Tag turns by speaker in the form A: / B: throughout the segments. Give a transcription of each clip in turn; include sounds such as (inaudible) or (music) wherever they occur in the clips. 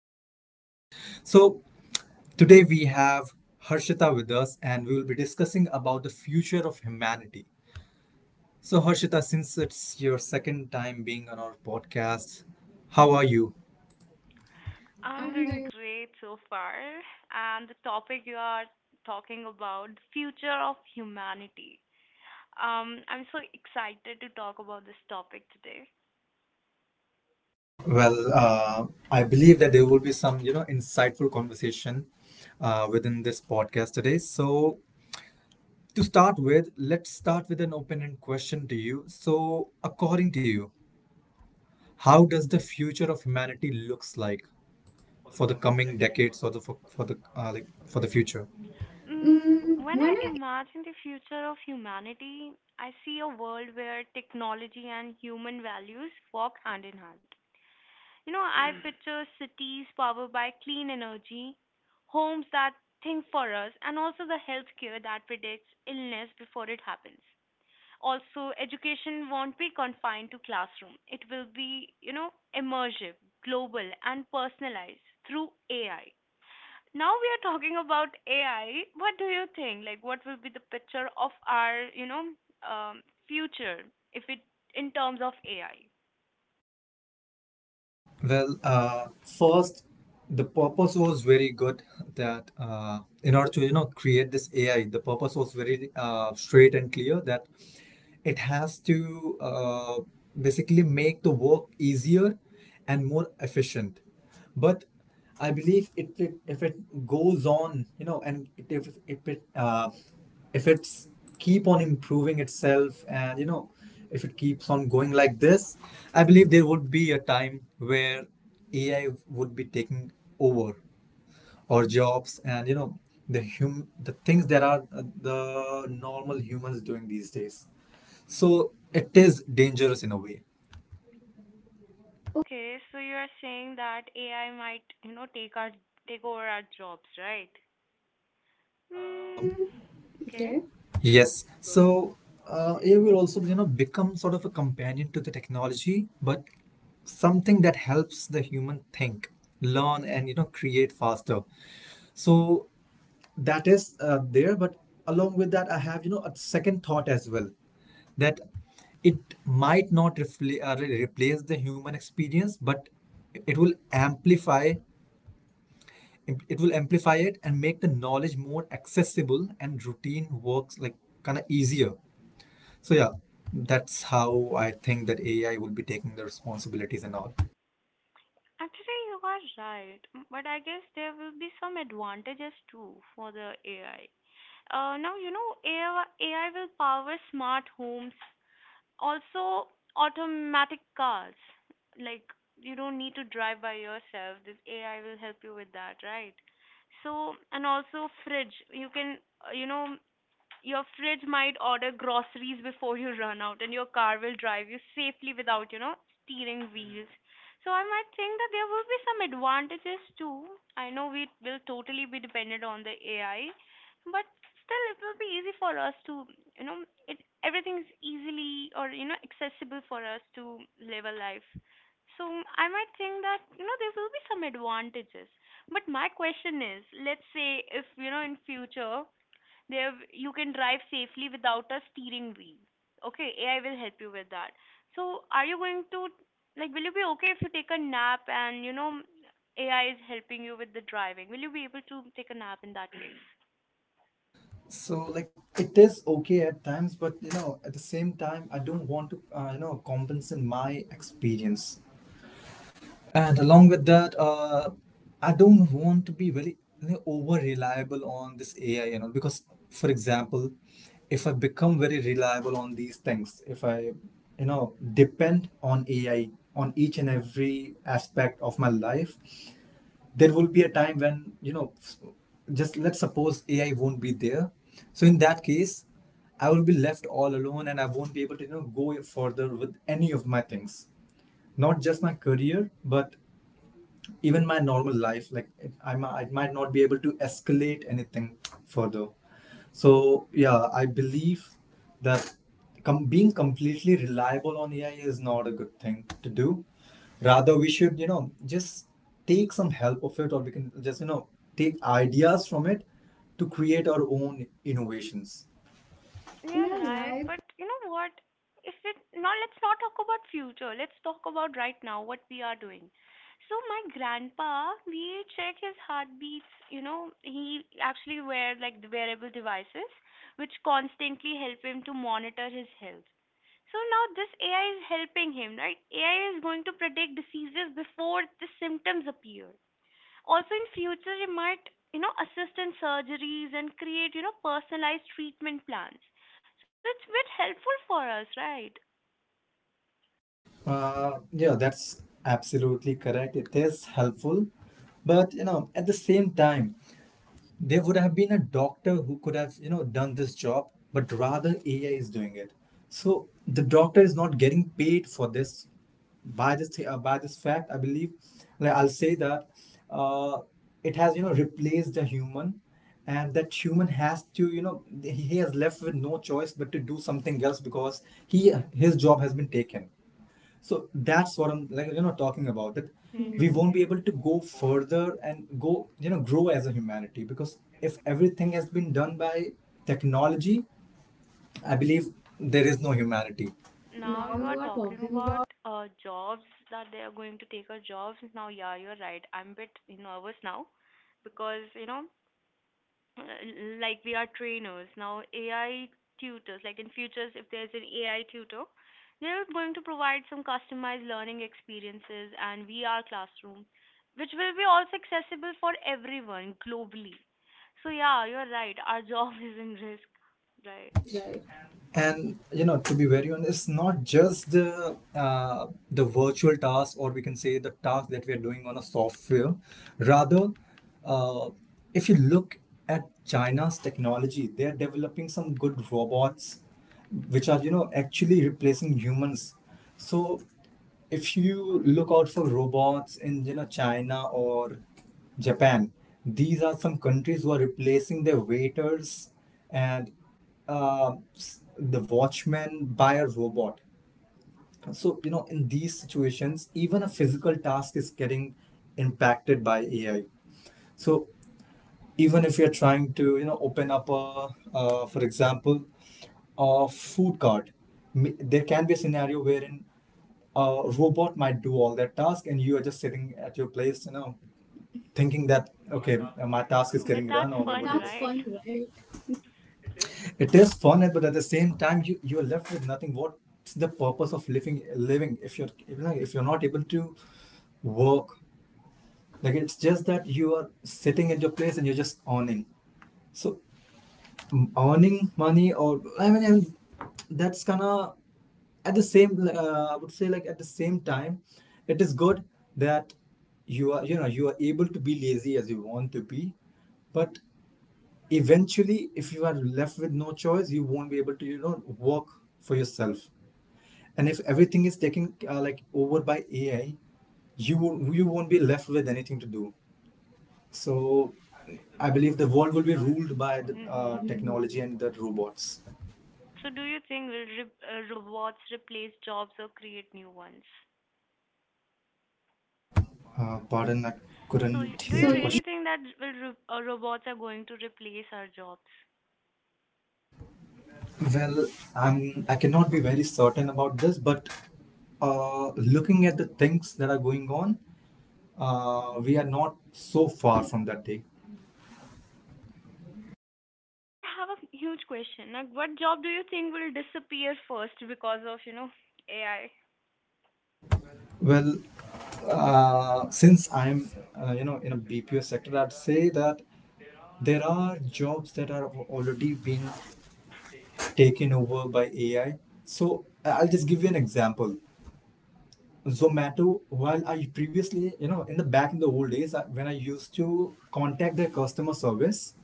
A: this podcast. So, today we have Harshita with us and we will be discussing about the future of humanity. So, Harshita, since it's your second time being on our podcast, how are you?
B: I'm
A: I'm
B: doing
A: doing.
B: great so far, and the topic you are talking about, the future of humanity. I'm so excited to talk about this topic today.
A: Well, I believe that there will be some, you know, insightful conversation within this podcast today. So to start with, let's start with an open ended question to you. So, according to you, how does the future of humanity looks like for the coming decades or the for the like for the future?
B: Mm,
A: Mm,
B: when I
A: when I.
B: imagine the future of humanity, I see a world where technology and human values walk hand in hand. You know, I picture cities powered by clean energy, homes that think for us, and also the healthcare that predicts illness before it happens. Also, education won't be confined to classroom. It will be, you know, immersive, global, and personalized through AI. Now we are talking about AI. What do you think? Like, what will be the picture of our, you know, um, future if it in terms of AI?
A: Well, first, the purpose was very good that in order to you know create this AI, the purpose was very straight and clear that it has to basically make the work easier and more efficient. But I believe if it goes on, you know, and it, if it if it's keep on improving itself, and you know, if it keeps on going like this, I believe there would be a time where AI would be taking over our jobs, and you know, the things that are the normal humans doing these days. So it is dangerous in a way.
B: Okay, so you are saying that AI might, you know, take over our jobs, right? Hmm. Okay.
A: Okay. Yes. So AI will also, you know, become sort of a companion to the technology, but something that helps the human think, learn, and you know, create faster. So that is there, but along with that, I have you know a second thought as well that it might not replace the human experience, but it will amplify it will amplify it and make the knowledge more accessible and routine works like kind of easier, so yeah, that's how I think that AI will be taking the responsibilities and all.
B: Actually, you are right, but I guess there will be some advantages too for the AI. Now, you know, AI will power smart homes, also automatic cars. Like, you don't need to drive by yourself. This AI will help you with that, right? So, and also fridge. You can, you know, your fridge might order groceries before you run out, and your car will drive you safely without, you know, steering wheels. So I might think that there will be some advantages too. I know we will totally be dependent on the AI, but still it will be easy for us to, you know, it everything is easily or you know accessible for us to live a life. So I might think that you know there will be some advantages. But my question is, let's say if you know in future there you can drive safely without a steering wheel. Okay, AI will help you with that. So are you going to like, will you be okay if you take a nap and you know AI is helping you with the driving? Will you be able to take a nap in that case?
A: So like it is okay at times, but you know at the same time I don't want to you know compensate my experience, and along with that, I don't want to be very you know, over reliable on this AI, you know, because for example, if I become very reliable on these things, if I you know depend on AI on each and every aspect of my life, there will be a time when just let's suppose ai won't be there, so in that case I will be left all alone and I won't be able to you know go further with any of my things, not just my career but even my normal life like I might not be able to escalate anything further. So yeah I believe that being completely reliable on ai is not a good thing to do, rather we should you know just take some help of it, or we can just you know take ideas from it to create our own innovations.
B: Yeah,
A: Yeah,
B: right.
A: right.
B: But you know what? If it now, let's not talk about future. Let's talk about right now what we are doing. So my grandpa, we check his heartbeats. You know, he actually wear like the wearable devices, which constantly help him to monitor his health. So now this AI is helping him, right? AI is going to predict diseases before the symptoms appear, also in future you might you know assist in surgeries and create you know personalized treatment plans, so it's bit helpful for us, right?
A: Yeah, that's absolutely correct. It is helpful, but you know, at the same time, there would have been a doctor who could have you know done this job but rather ai is doing it, so the doctor is not getting paid for this. By by this fact I believe, like I'll say that uh, it has you know replaced the human, and that human has to you know he has left with no choice but to do something else because he his job has been taken. So that's what I'm like, you know, talking about that. Mm. We Hmm. won't be
B: Hmm.
A: able to go further and go, you know, grow as a humanity because if everything has been done by technology, I believe there is no humanity.
B: Now
A: Now
B: you are
A: you are
B: talking
A: talking
B: about
A: about.
B: jobs that they are going to take our jobs. Now yeah, you're right, I'm a bit nervous now because you know, uh, like we are trainers now. AI tutors, like in futures if there's an AI tutor, they're going to provide some customized learning experiences and VR classroom, which will be also accessible for everyone globally. So yeah, you're right, our job (laughs) is in risk, right?
A: Right. And you know to be very honest it's not just the virtual task, or we can say the task that we are doing on a software, rather uh, if you look at china's technology, they're developing some good robots which are you know actually replacing humans. So if you look out for robots in you know china or Japan. These are some countries who are replacing their waiters and the watchman by a robot. So, you know, in these situations, even a physical task is getting impacted by AI. So, even if you're trying to, you know, open up a, for example, a food cart, there can be a scenario wherein a robot might do all that task and you are just sitting at your place, you know, thinking that okay my task is
B: But
A: getting
B: that's
A: done. Or But
B: fun,
A: whatever, that's
B: right?
A: fun, right? It is fun, but at the same time you're left with nothing. What's the purpose of living if you're you know, if you're not able to work, like it's just that you are sitting at your place and you're just awning. So earning money or I mean, and that's gonna, at the same I would say like at the same time it is good that you are you know you are able to be lazy as you want to be, but eventually if you are left with no choice you won't be able to you know work for yourself, and if everything is taken like over by ai, you won't be left with anything to do. So I believe the world will be ruled by the
B: Mhm.
A: technology and the robots.
B: So do you think will robots replace jobs or create new ones?
A: Pardon, I
B: So,
A: couldn't
B: do
A: hear.
B: you
A: So the question.
B: really think that will robots are going to replace our jobs?
A: Well, I cannot be very certain about this, but looking at the things that are going on, we are not so far from that day.
B: I have a huge question. Like, what job do you think will disappear first because of, you know, AI?
A: Well, since I'm, you know, in a BPO sector, I'd say that there are jobs that are already being taken over by AI. So I'll just give you an example. Zomato, while I previously, you know, in the back in the old days, I, when I used to contact their customer service,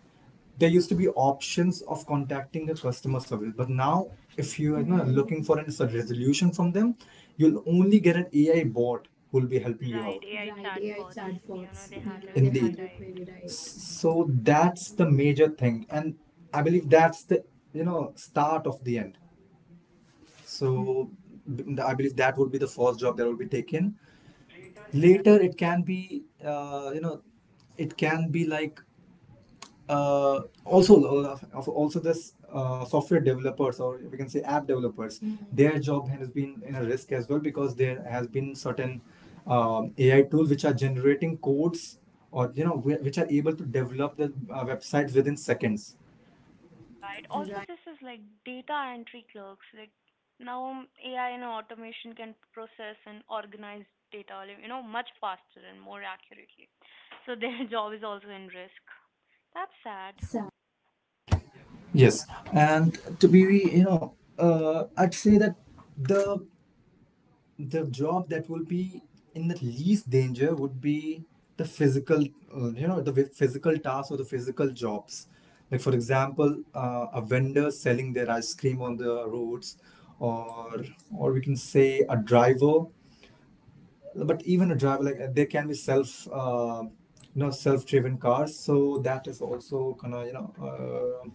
A: there used to be options of contacting the customer service. But now, if you are you know, looking for a resolution from them, you'll only get an AI bot who will be helping you
B: Right,
A: out.
B: AI
A: Right, AI
B: chatbots. You know,
A: chatbots,
B: they
A: you
B: had
A: know, they Indeed.
B: Query
A: Handle
B: right.
A: query right. So that's the major thing, and I believe that's the you know start of the end. So I believe that would be the first job that will be taken, later it can be you know it can be like also this software developers or we can say app developers. Mhm. Their job has been in a risk as well because there has been certain ai tools which are generating codes, or you know which are able to develop the websites within seconds.
B: Right. Also, this is like data entry clerks. Like now, AI and automation can process and organize data, like, you know, much faster and more accurately. So their (laughs) job is also in risk. That's sad.
A: Yes, and to be you know I'd say that the the job that will be in the least danger would be the physical you know physical tasks or the physical jobs, like for example a vendor selling their ice cream on the roads, or or we can say a driver, but even a driver like there can be self you know self-driven cars, so that is also kind of you know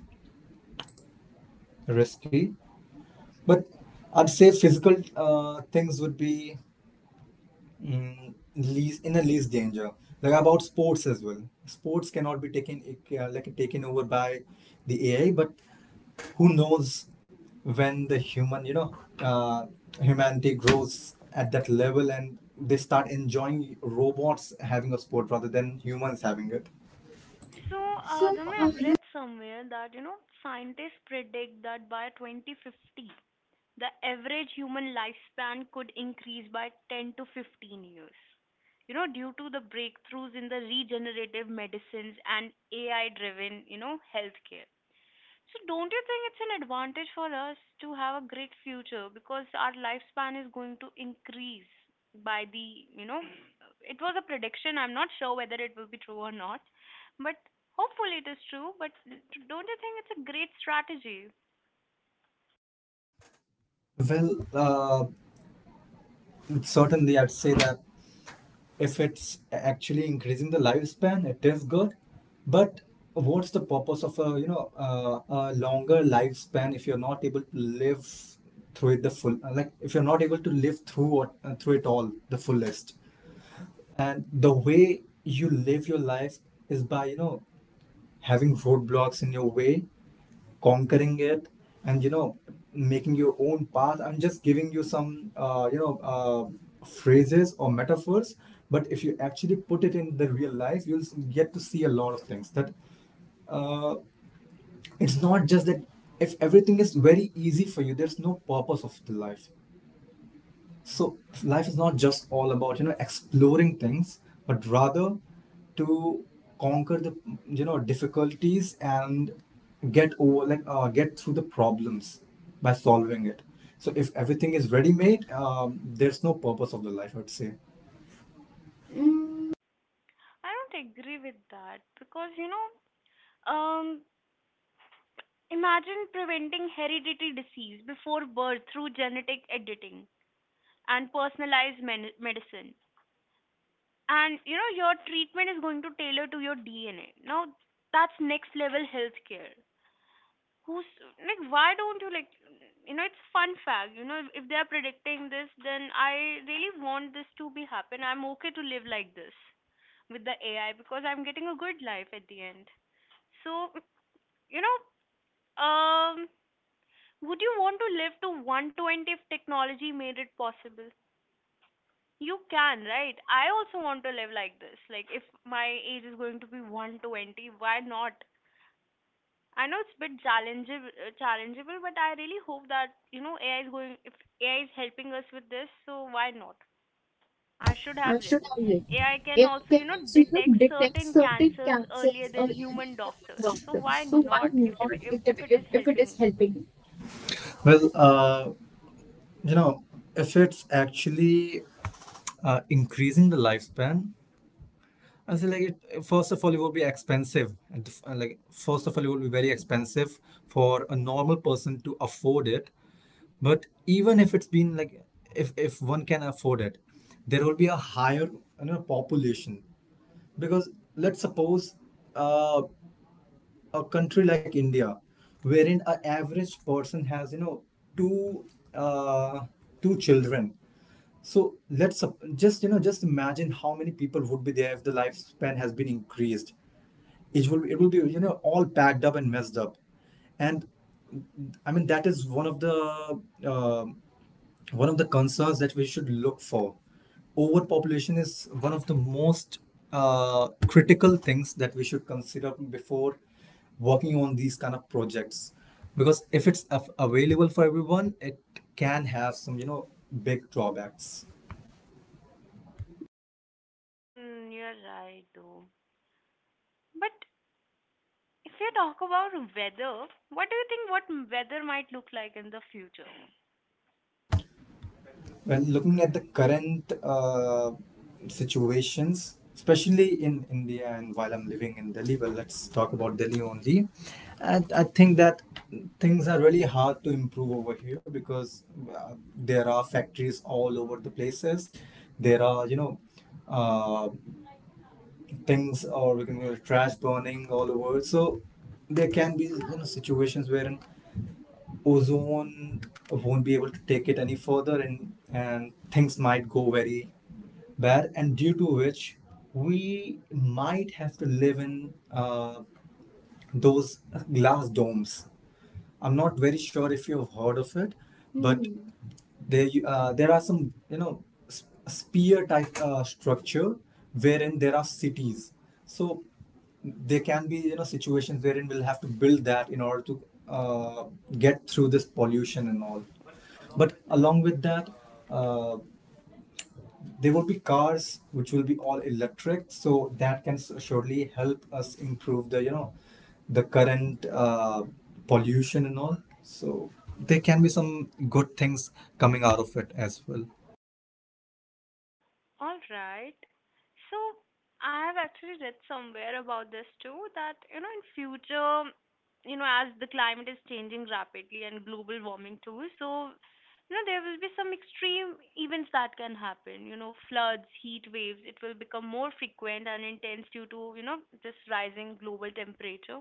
A: risky. But I'd say physical things would be Mm, least in a least danger, like about sports as well, sports cannot be taken like taken over by the ai, but who knows when the human you know uh, humanity grows at that level and they start enjoying robots having a sport rather than humans having it.
B: So, Dhamma, I've read somewhere that you know scientists predict that by 2050, the average human lifespan could increase by 10 to 15 years. You know, due to the breakthroughs in the regenerative medicines and AI-driven, you know, healthcare. So don't you think it's an advantage for us to have a great future because our lifespan is going to increase by the, you know, it was a prediction. I'm not sure whether it will be true or not, but hopefully it is true. But don't you think it's a great strategy?
A: Well, certainly I'd say that if it's actually increasing the lifespan it is good, but what's the purpose of a you know a longer lifespan if you're not able to live through it the full, like if you're not able to live through what through it all the fullest, and the way you live your life is by you know having roadblocks in your way, conquering it, and you know making your own path. I'm just giving you some you know phrases or metaphors, but if you actually put it in the real life you'll get to see a lot of things that uh, it's not just that if everything is very easy for you there's no purpose of the life. So life is not just all about you know exploring things, but rather to conquer the you know difficulties and get over like get through the problems by solving it. So if everything is ready made, there's no purpose of the life I'd say.
B: I don't agree with that because, you know, um, imagine preventing hereditary disease before birth through genetic editing and personalized medicine, and you know your treatment is going to tailor to your DNA. Now that's next level healthcare. Who's like why don't you like you know, it's fun fact, you know, if they are predicting this, then I really want this to be happen. I'm okay to live like this with the AI because I'm getting a good life at the end. So you know, um would you want to live to 120 if technology made it possible? You can, right? I also want to live like this. Like, if my age is going to be 120, why not? I know it's a bit challengeable, but I really hope that, you know, AI is going, if AI is helping us with this, so why not? I should have
A: I should
B: lived.
A: have it.
B: AI can also, you know,
A: You know,
B: detect
A: detect
B: certain
A: certain
B: cancers earlier than
A: early
B: human doctors. So
A: symptoms.
B: why
A: So why
B: not if,
A: not
B: if it is
A: if it is
B: helping?
A: helping you? Well, you know, if it's actually increasing the lifespan, I say like it. First of all, it will be expensive. At the f- Like first of all, it will be very expensive for a normal person to afford it. But even if it's been like, if one can afford it, there will be a higher, population. Because let's suppose uh, a country like India, wherein an average person has, two uh, two children. So let's sup- just you know just imagine how many people would be there if the lifespan has been increased. It will be, all packed up and messed up. And I mean, that is one of the, um one of the concerns that we should look for. Overpopulation is one of the most critical things that we should consider before working on these kind of projects, because if available for everyone, it can have some, big drawbacks.
B: Hmm, you're right, though. But if you talk about weather, what do you think what weather might look like in the future?
A: Well, looking at the current situations, especially in India, and while I'm living in Delhi, well, let's talk about Delhi only. And I think that things are really hard to improve over here because there are factories all over the places. There are, uh, things, or we can go trash burning all over. So there can be, you know, situations wherein ozone won't be able to take it any further, and things might go very bad, and due to which we might have to live in those glass domes. I'm not very sure if you've heard of it, but hmm, there are some, you know s- spear type structure wherein there are cities. So there can be, situations wherein we'll have to build that in order to uh, get through this pollution and all. But along with that, uh, there would be cars which will be all electric, so surely help us improve the, the current pollution and all. So there can be some good things coming out of it as well.
B: All right. So I have actually read somewhere about this too that you know in future, you know as the climate is changing rapidly and global warming too, so you know there will be some extreme events that can happen. You know floods, heat waves. It will become more frequent and intense due to you know this rising global temperature.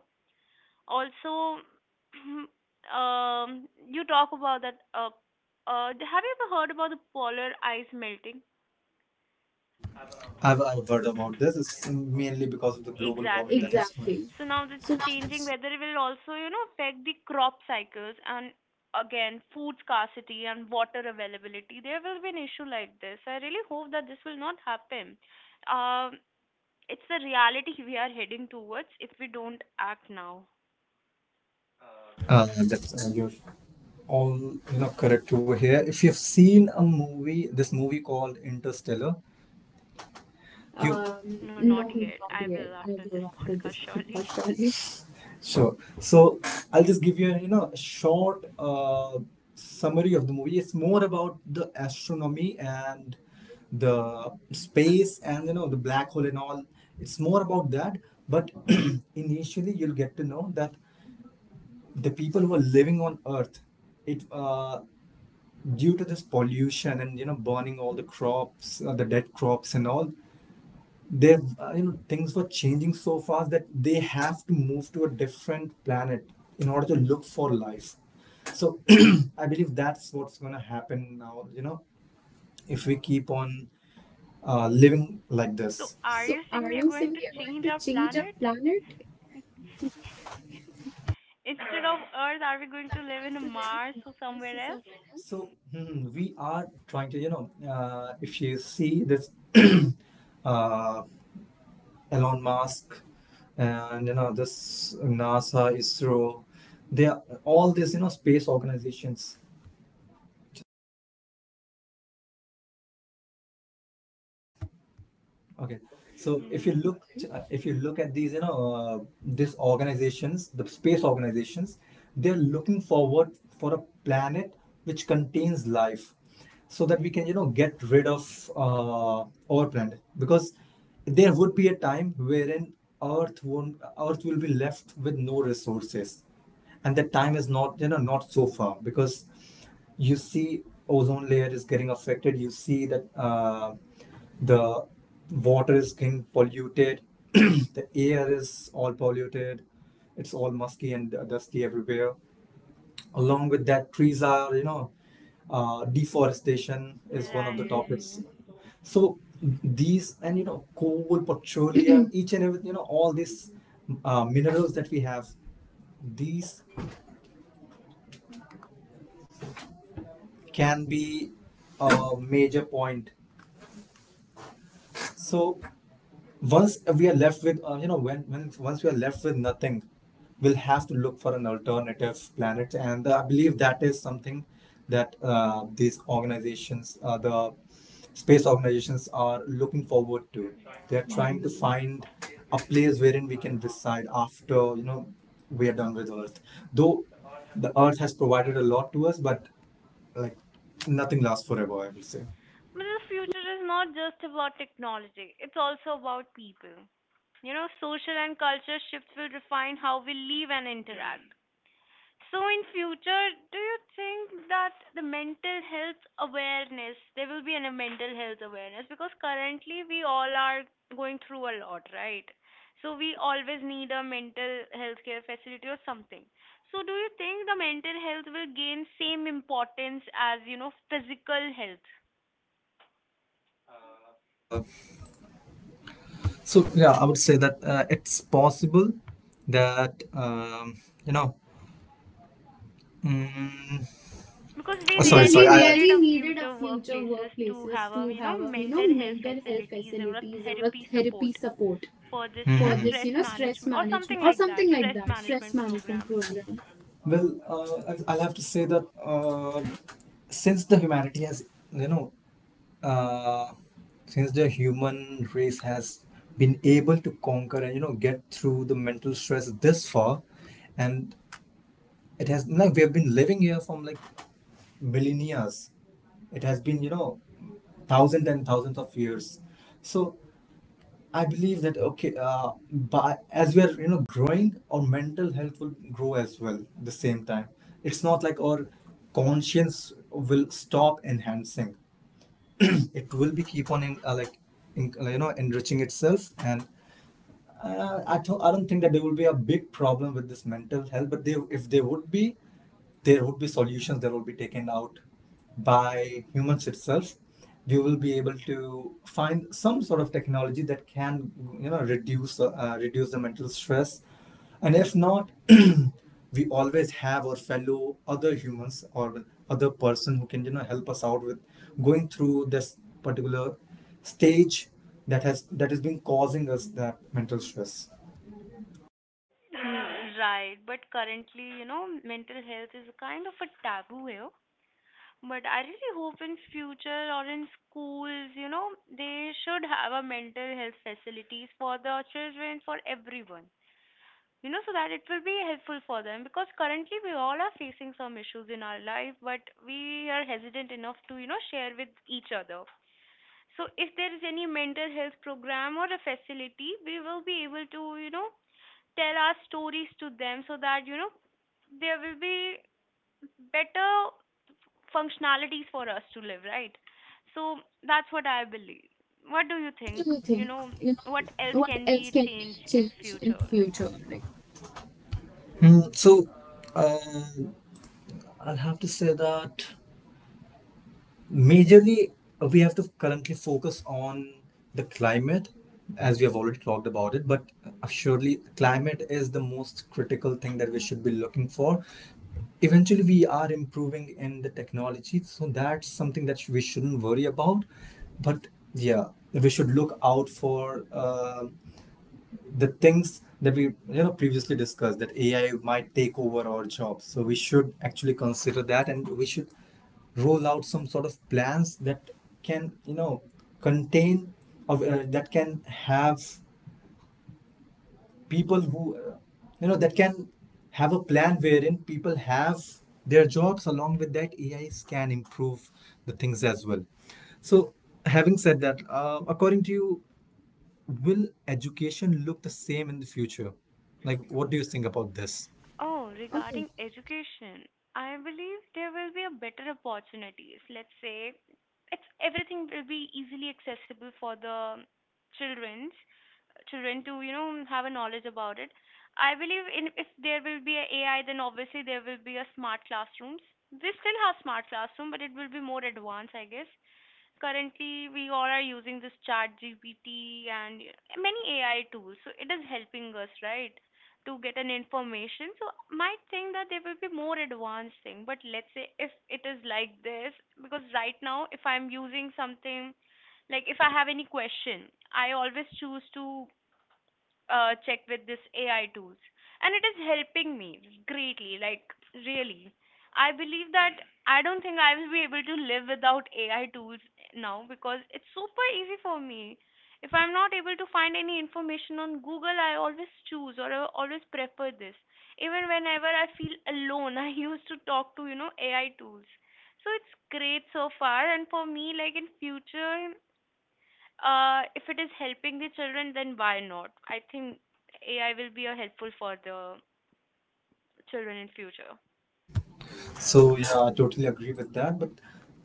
B: Also (clears throat) you talk about that, have you ever heard about the polar ice melting?
A: I've heard about this. It's mainly because of the global warming that
B: Exactly.
A: has going. Exactly.
B: So now that's
A: So
B: changing weather will also you know affect the crop cycles and again food scarcity and water availability there will be an issue like this. I really hope that this will not happen. um it's the reality (laughs) we are heading towards if we don't act now.
A: that's you're all, correct over here. If you've seen a movie, this movie called Interstellar. You
B: No, no,
A: no,
B: not yet.
A: not
B: I
A: yet.
B: will
A: I
B: after this
A: will after
B: podcast,
A: this
B: surely.
A: podcast only. Sure. So I'll just give you a, a short summary of the movie. It's more about the astronomy and the space and, the black hole and all. It's more about that. But (clears throat) initially, you'll get to know that the people who are living on Earth, it due to this pollution and, burning all the crops, the dead crops and all, they things were changing so fast that they have to move to a different planet in order to look for life. So (clears throat) I believe that's what's going to happen now, if we keep on living like
B: So,
A: this.
B: are
A: So
B: you saying
A: are
B: we are
A: you
B: going
A: saying
B: to change
A: we
B: our
A: change our
B: planet?
A: planet?
B: Instead of (laughs) Earth, are we going to live in Mars or somewhere else?
A: So hmm, we are trying to, if you see this (clears throat) uh, Elon Musk and, this NASA, ISRO, they are all these, space organizations. Okay, so
B: Mm-hmm.
A: if you look at these, these organizations, the space organizations, they're looking forward for a planet which contains life, so that we can, get rid of our planet. Because there would be a time wherein Earth won't Earth will be left with no resources, and that time is not, not so far, because you see, ozone layer is getting affected. You see that the water is getting polluted. (clears throat) The air is all polluted. It's all musky and dusty everywhere. Along with that, trees are, deforestation is one of the topics.
B: Right.
A: So these, and, coal, petroleum, (clears throat) each and everything, all these minerals that we have, these can be a major point. So once we are left with, you know, when once we are left with nothing, we'll have to look for an alternative planet. And I believe that is something that these organizations, the space organizations, are looking forward
B: Yeah.
A: to.
B: But
A: They're trying to find a place wherein we can reside after, we are done with Earth. Though the Earth has provided a lot to us, but like, nothing lasts forever, I will say.
B: the future is not just about technology, it's also about people. You know, social and culture shifts will refine how we live and interact. So in future, do you think that there will be a mental health awareness because currently we all are going through a lot, right? So we always need a mental health care facility or something. So do you think the mental health will gain same importance as, you know, physical health?
A: So yeah, I would say that it's possible that you know. Mm,
B: Because we
A: oh, sorry. Because
B: really
A: sorry. We I,
B: needed
A: really
B: a
A: needed
B: future
A: a future
B: workplaces to have
A: workplaces
B: a,
A: to
B: you
A: have
B: know,
A: a,
B: mental health
A: mental health
B: facilities or a
A: facilities or a
B: therapy
A: therapy
B: support
A: support
B: for this, you
A: for
B: know,
A: this,
B: stress
A: stress
B: management or something
A: management or
B: like that,
A: something like
B: stress
A: that. Risk
B: management
A: management
B: program.
A: program. Well, I'll have to say that since you know, uh, the human race has been able to conquer and, get through the mental stress this far, and it has like, we have been living here from like millennia. It has been, thousands and thousands of years. So I believe that okay, but as we are, growing, our mental health will grow as well. At the same time, it's not like our conscience will stop enhancing. (clears throat) It will be keep on you know, enriching itself. And I don't think that there will be a big problem with this mental health, but if there would be, there would be solutions that will be taken out by humans itself. We will be able to find some sort of technology that can, you know, reduce the mental stress. And if not, (clears throat) we always have our fellow other humans or other person who can, help us out with going through this particular stage that has been causing us that mental stress.
B: Mm. Right, but currently, you know, mental health is kind of a taboo here. But I really hope in future or in schools, you know, they should have a mental health facilities for the children, for everyone. You know, so that it will be helpful for them because currently we all are facing some issues in our life, but we are hesitant enough to, you know, share with each other. So if there is any mental health program or a facility, we will be able to, you know, tell our stories to them so that, you know, there will be better functionalities for us to live, right? So that's what I believe. What do you
A: What
B: think?
A: do you
B: You
A: think?
B: know,
A: You
B: what
A: know,
B: else
A: what
B: can
A: else
B: be
A: can be
B: changed in
A: changed in
B: future? Like,
A: future? Like, hmm, so uh, I'll have to say that majorly, we have to currently focus on the climate, as we have already talked about it, but surely climate is the most critical thing that we should be looking for. Eventually, we are improving in the technology, so that's something that we shouldn't worry about. But yeah, we should look out for the things that we, previously discussed, that AI might take over our jobs. So we should actually consider that, and we should roll out some sort of plans that can, you know contain of that can have people who you know that can have a plan wherein people have their jobs, along with that AIs can improve the things as well. So having said that, according to you, will education look the same in the future? Like, what do you think about this?
B: oh,
A: Okay.
B: regarding education, I believe there will be a better opportunities. Let's say it's everything will be easily accessible for the children's children to, you know, have a knowledge about it. I believe in if there will be a AI, then obviously there will be a smart classrooms. We still have smart classroom, but it will be more advanced, I guess. Currently we all are using this ChatGPT and many AI tools, so it is helping us, right, to get an information. So might think that there will be more advanced thing, but let's say if it is like this, because right now if I'm using something, like if I have any question, I always choose to check with this AI tools, and it is helping me greatly. Like really, I believe that I don't think I will be able to live without AI tools now because it's super easy for me. If I'm not able to find any information on Google, I always choose or I always prefer this. Even whenever I feel alone, (laughs) I used to talk to you know AI tools. So it's great so far, and for me, like in future, if it is helping the children, then why not? I think AI will be a helpful for the children in future.
A: So yeah, I totally agree with that. But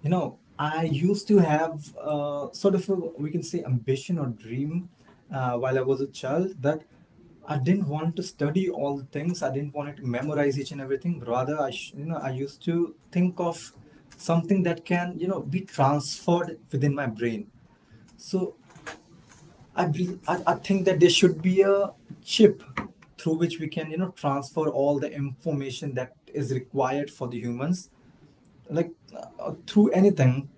A: you know, I used to have sort of a, we can say, ambition or dream while I was a child, that I didn't want to study all the things. I didn't want to memorize each and everything. Rather, I sh- you know I used to think of something that can, be transferred within my brain. So I, bel I think that there should be a chip through which we can, transfer all the information that is required for the humans, like through anything.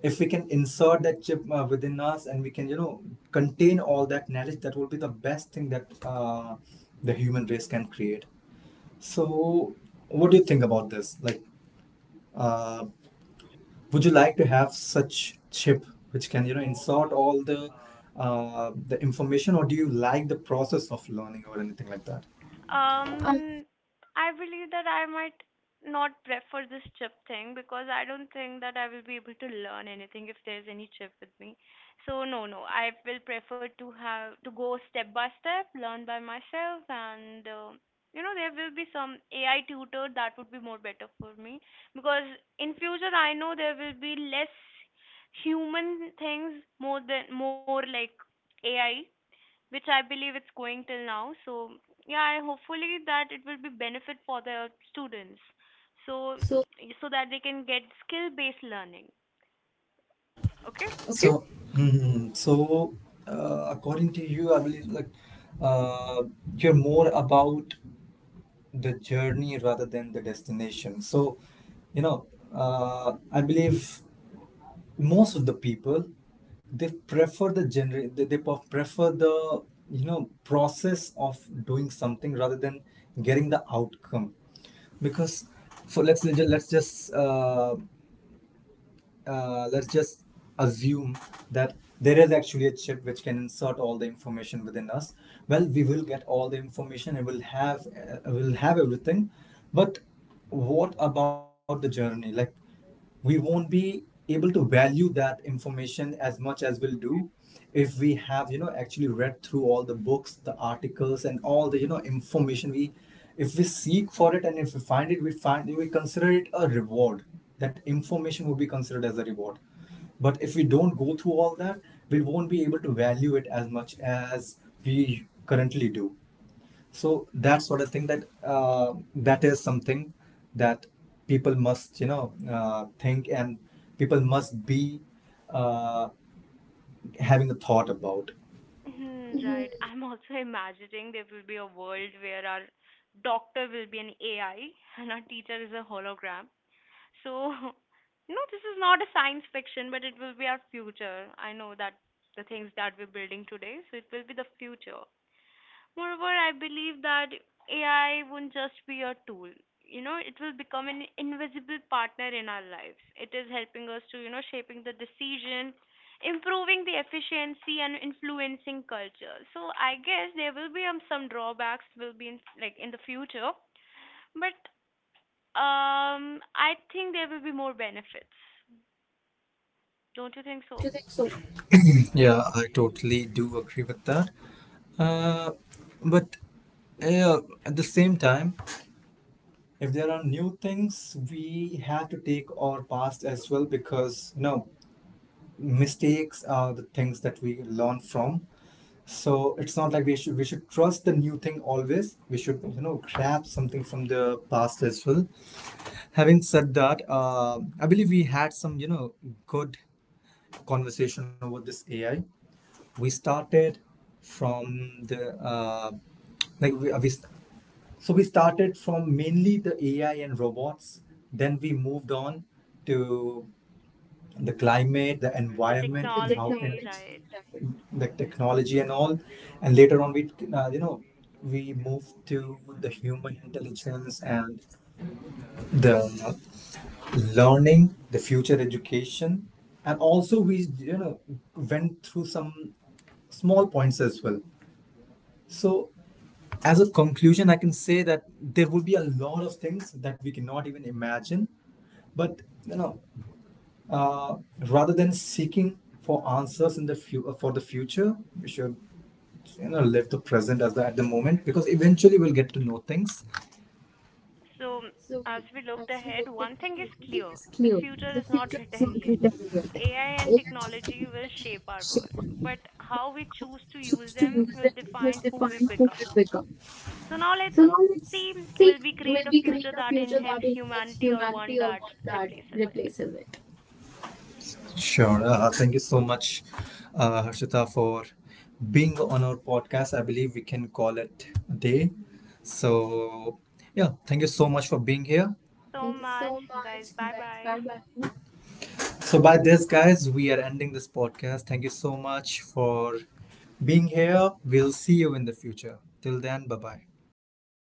A: If we can insert that chip within us, and we can, contain all that knowledge, that will be the best thing that the human race can create. So what do you think about this? Like uh, would you like to have such chip which can, insert all the information, or do you like the process of learning or anything like that? Um,
B: Um, I believe that I might not prefer this chip thing because I don't think that I will be able to learn anything if there's any chip with me. So no, no, I will prefer to have to go step by step, learn by myself, and you know there will be some AI tutor that would be more better for me because in future I know there will be less human things more than more like AI, which I believe it's going till now. So yeah, I hopefully that it will be benefit for the students, so
A: so
B: so that they can get skill based learning. Okay.
A: okay, so according to you, I believe like uh, you're more about the journey rather than the destination. So, you know, I believe most of the people, they prefer the gener they pref- prefer the, process of doing something rather than getting the outcome. Because so let's just assume that there is actually a chip which can insert all the information within us. Well, we will get all the information, it will have, will have everything, but what about the journey? Like, we won't be able to value that information as much as we'll do if we have, actually read through all the books, the articles, and all the, information. We If we seek for it, and if we find it, we consider it a reward. That information would be considered as a reward. But if we don't go through all that, we won't be able to value it as much as we currently do. So that sort of thing, that is something that people must, think. And people must be uh, having a thought about.
B: Mhm, (laughs) right. I'm also imagining there will be a world where our doctor will be an AI and our teacher is a hologram. So (laughs) you know this is not a science fiction, but it will be our future. I know that the things that we're building today, so it will be the future. Moreover, I believe that AI won't just be a tool. You know, it will become an invisible partner in our lives. It is helping us to, you know, shaping the decision, improving the efficiency, and influencing culture. So I guess there will be some drawbacks will be in like in the future, but I think there will be more benefits. Don't you think
A: Don't
B: so?
A: you think so? Yeah, I totally do agree with that. Uh, but yeah, at the same time, if there are new things, we have to take our past as well, because you know, mistakes are the things that we learn from. So it's not like we should trust the new thing always. We should, grab something from the past as well. Having said that, I believe we had some, good conversation over this AI. We started from the like we, uh, we we started from mainly the AI and robots, then we moved on to the climate, the
B: The
A: environment, the and how
B: technology,
A: technology,
B: right?
A: the technology and all. And later on, we you know we moved to the human intelligence and the learning, the future education, and also we, went through some small points as well. So as a conclusion, I can say that there will be a lot of things that we cannot even imagine. But you know, uh, rather than seeking for answers in for the future, we should, live the present as at the moment, because eventually we'll get to know things.
B: So, as we looked ahead, one thing is clear: the
A: Clear. The
B: future is
A: future
B: not (laughs) written yet.
A: delivered.
B: AI and technology will shape our world, but how we choose to use
A: To
B: them
A: use them,
B: will
A: to
B: define
A: assist.
B: who we become. So, now let's
A: So
B: see
A: see
B: will we
A: will
B: create a
A: be
B: future
A: the
B: that
A: future that
B: enhances
A: enhances
B: humanity or
A: humanity
B: one
A: or
B: that
A: one that
B: replaces it?
A: replaces it. Sure. Thank you so much, Harshita, for being on our podcast. I believe we can call it a day. So yeah, thank you so much for being here.
B: Thank you so
A: Thank you so
B: much,
A: much,
B: guys. Bye bye.
A: guys. So by this, guys, we are ending this podcast. Thank you so much for being here. We'll see you in the future. Till then, bye bye.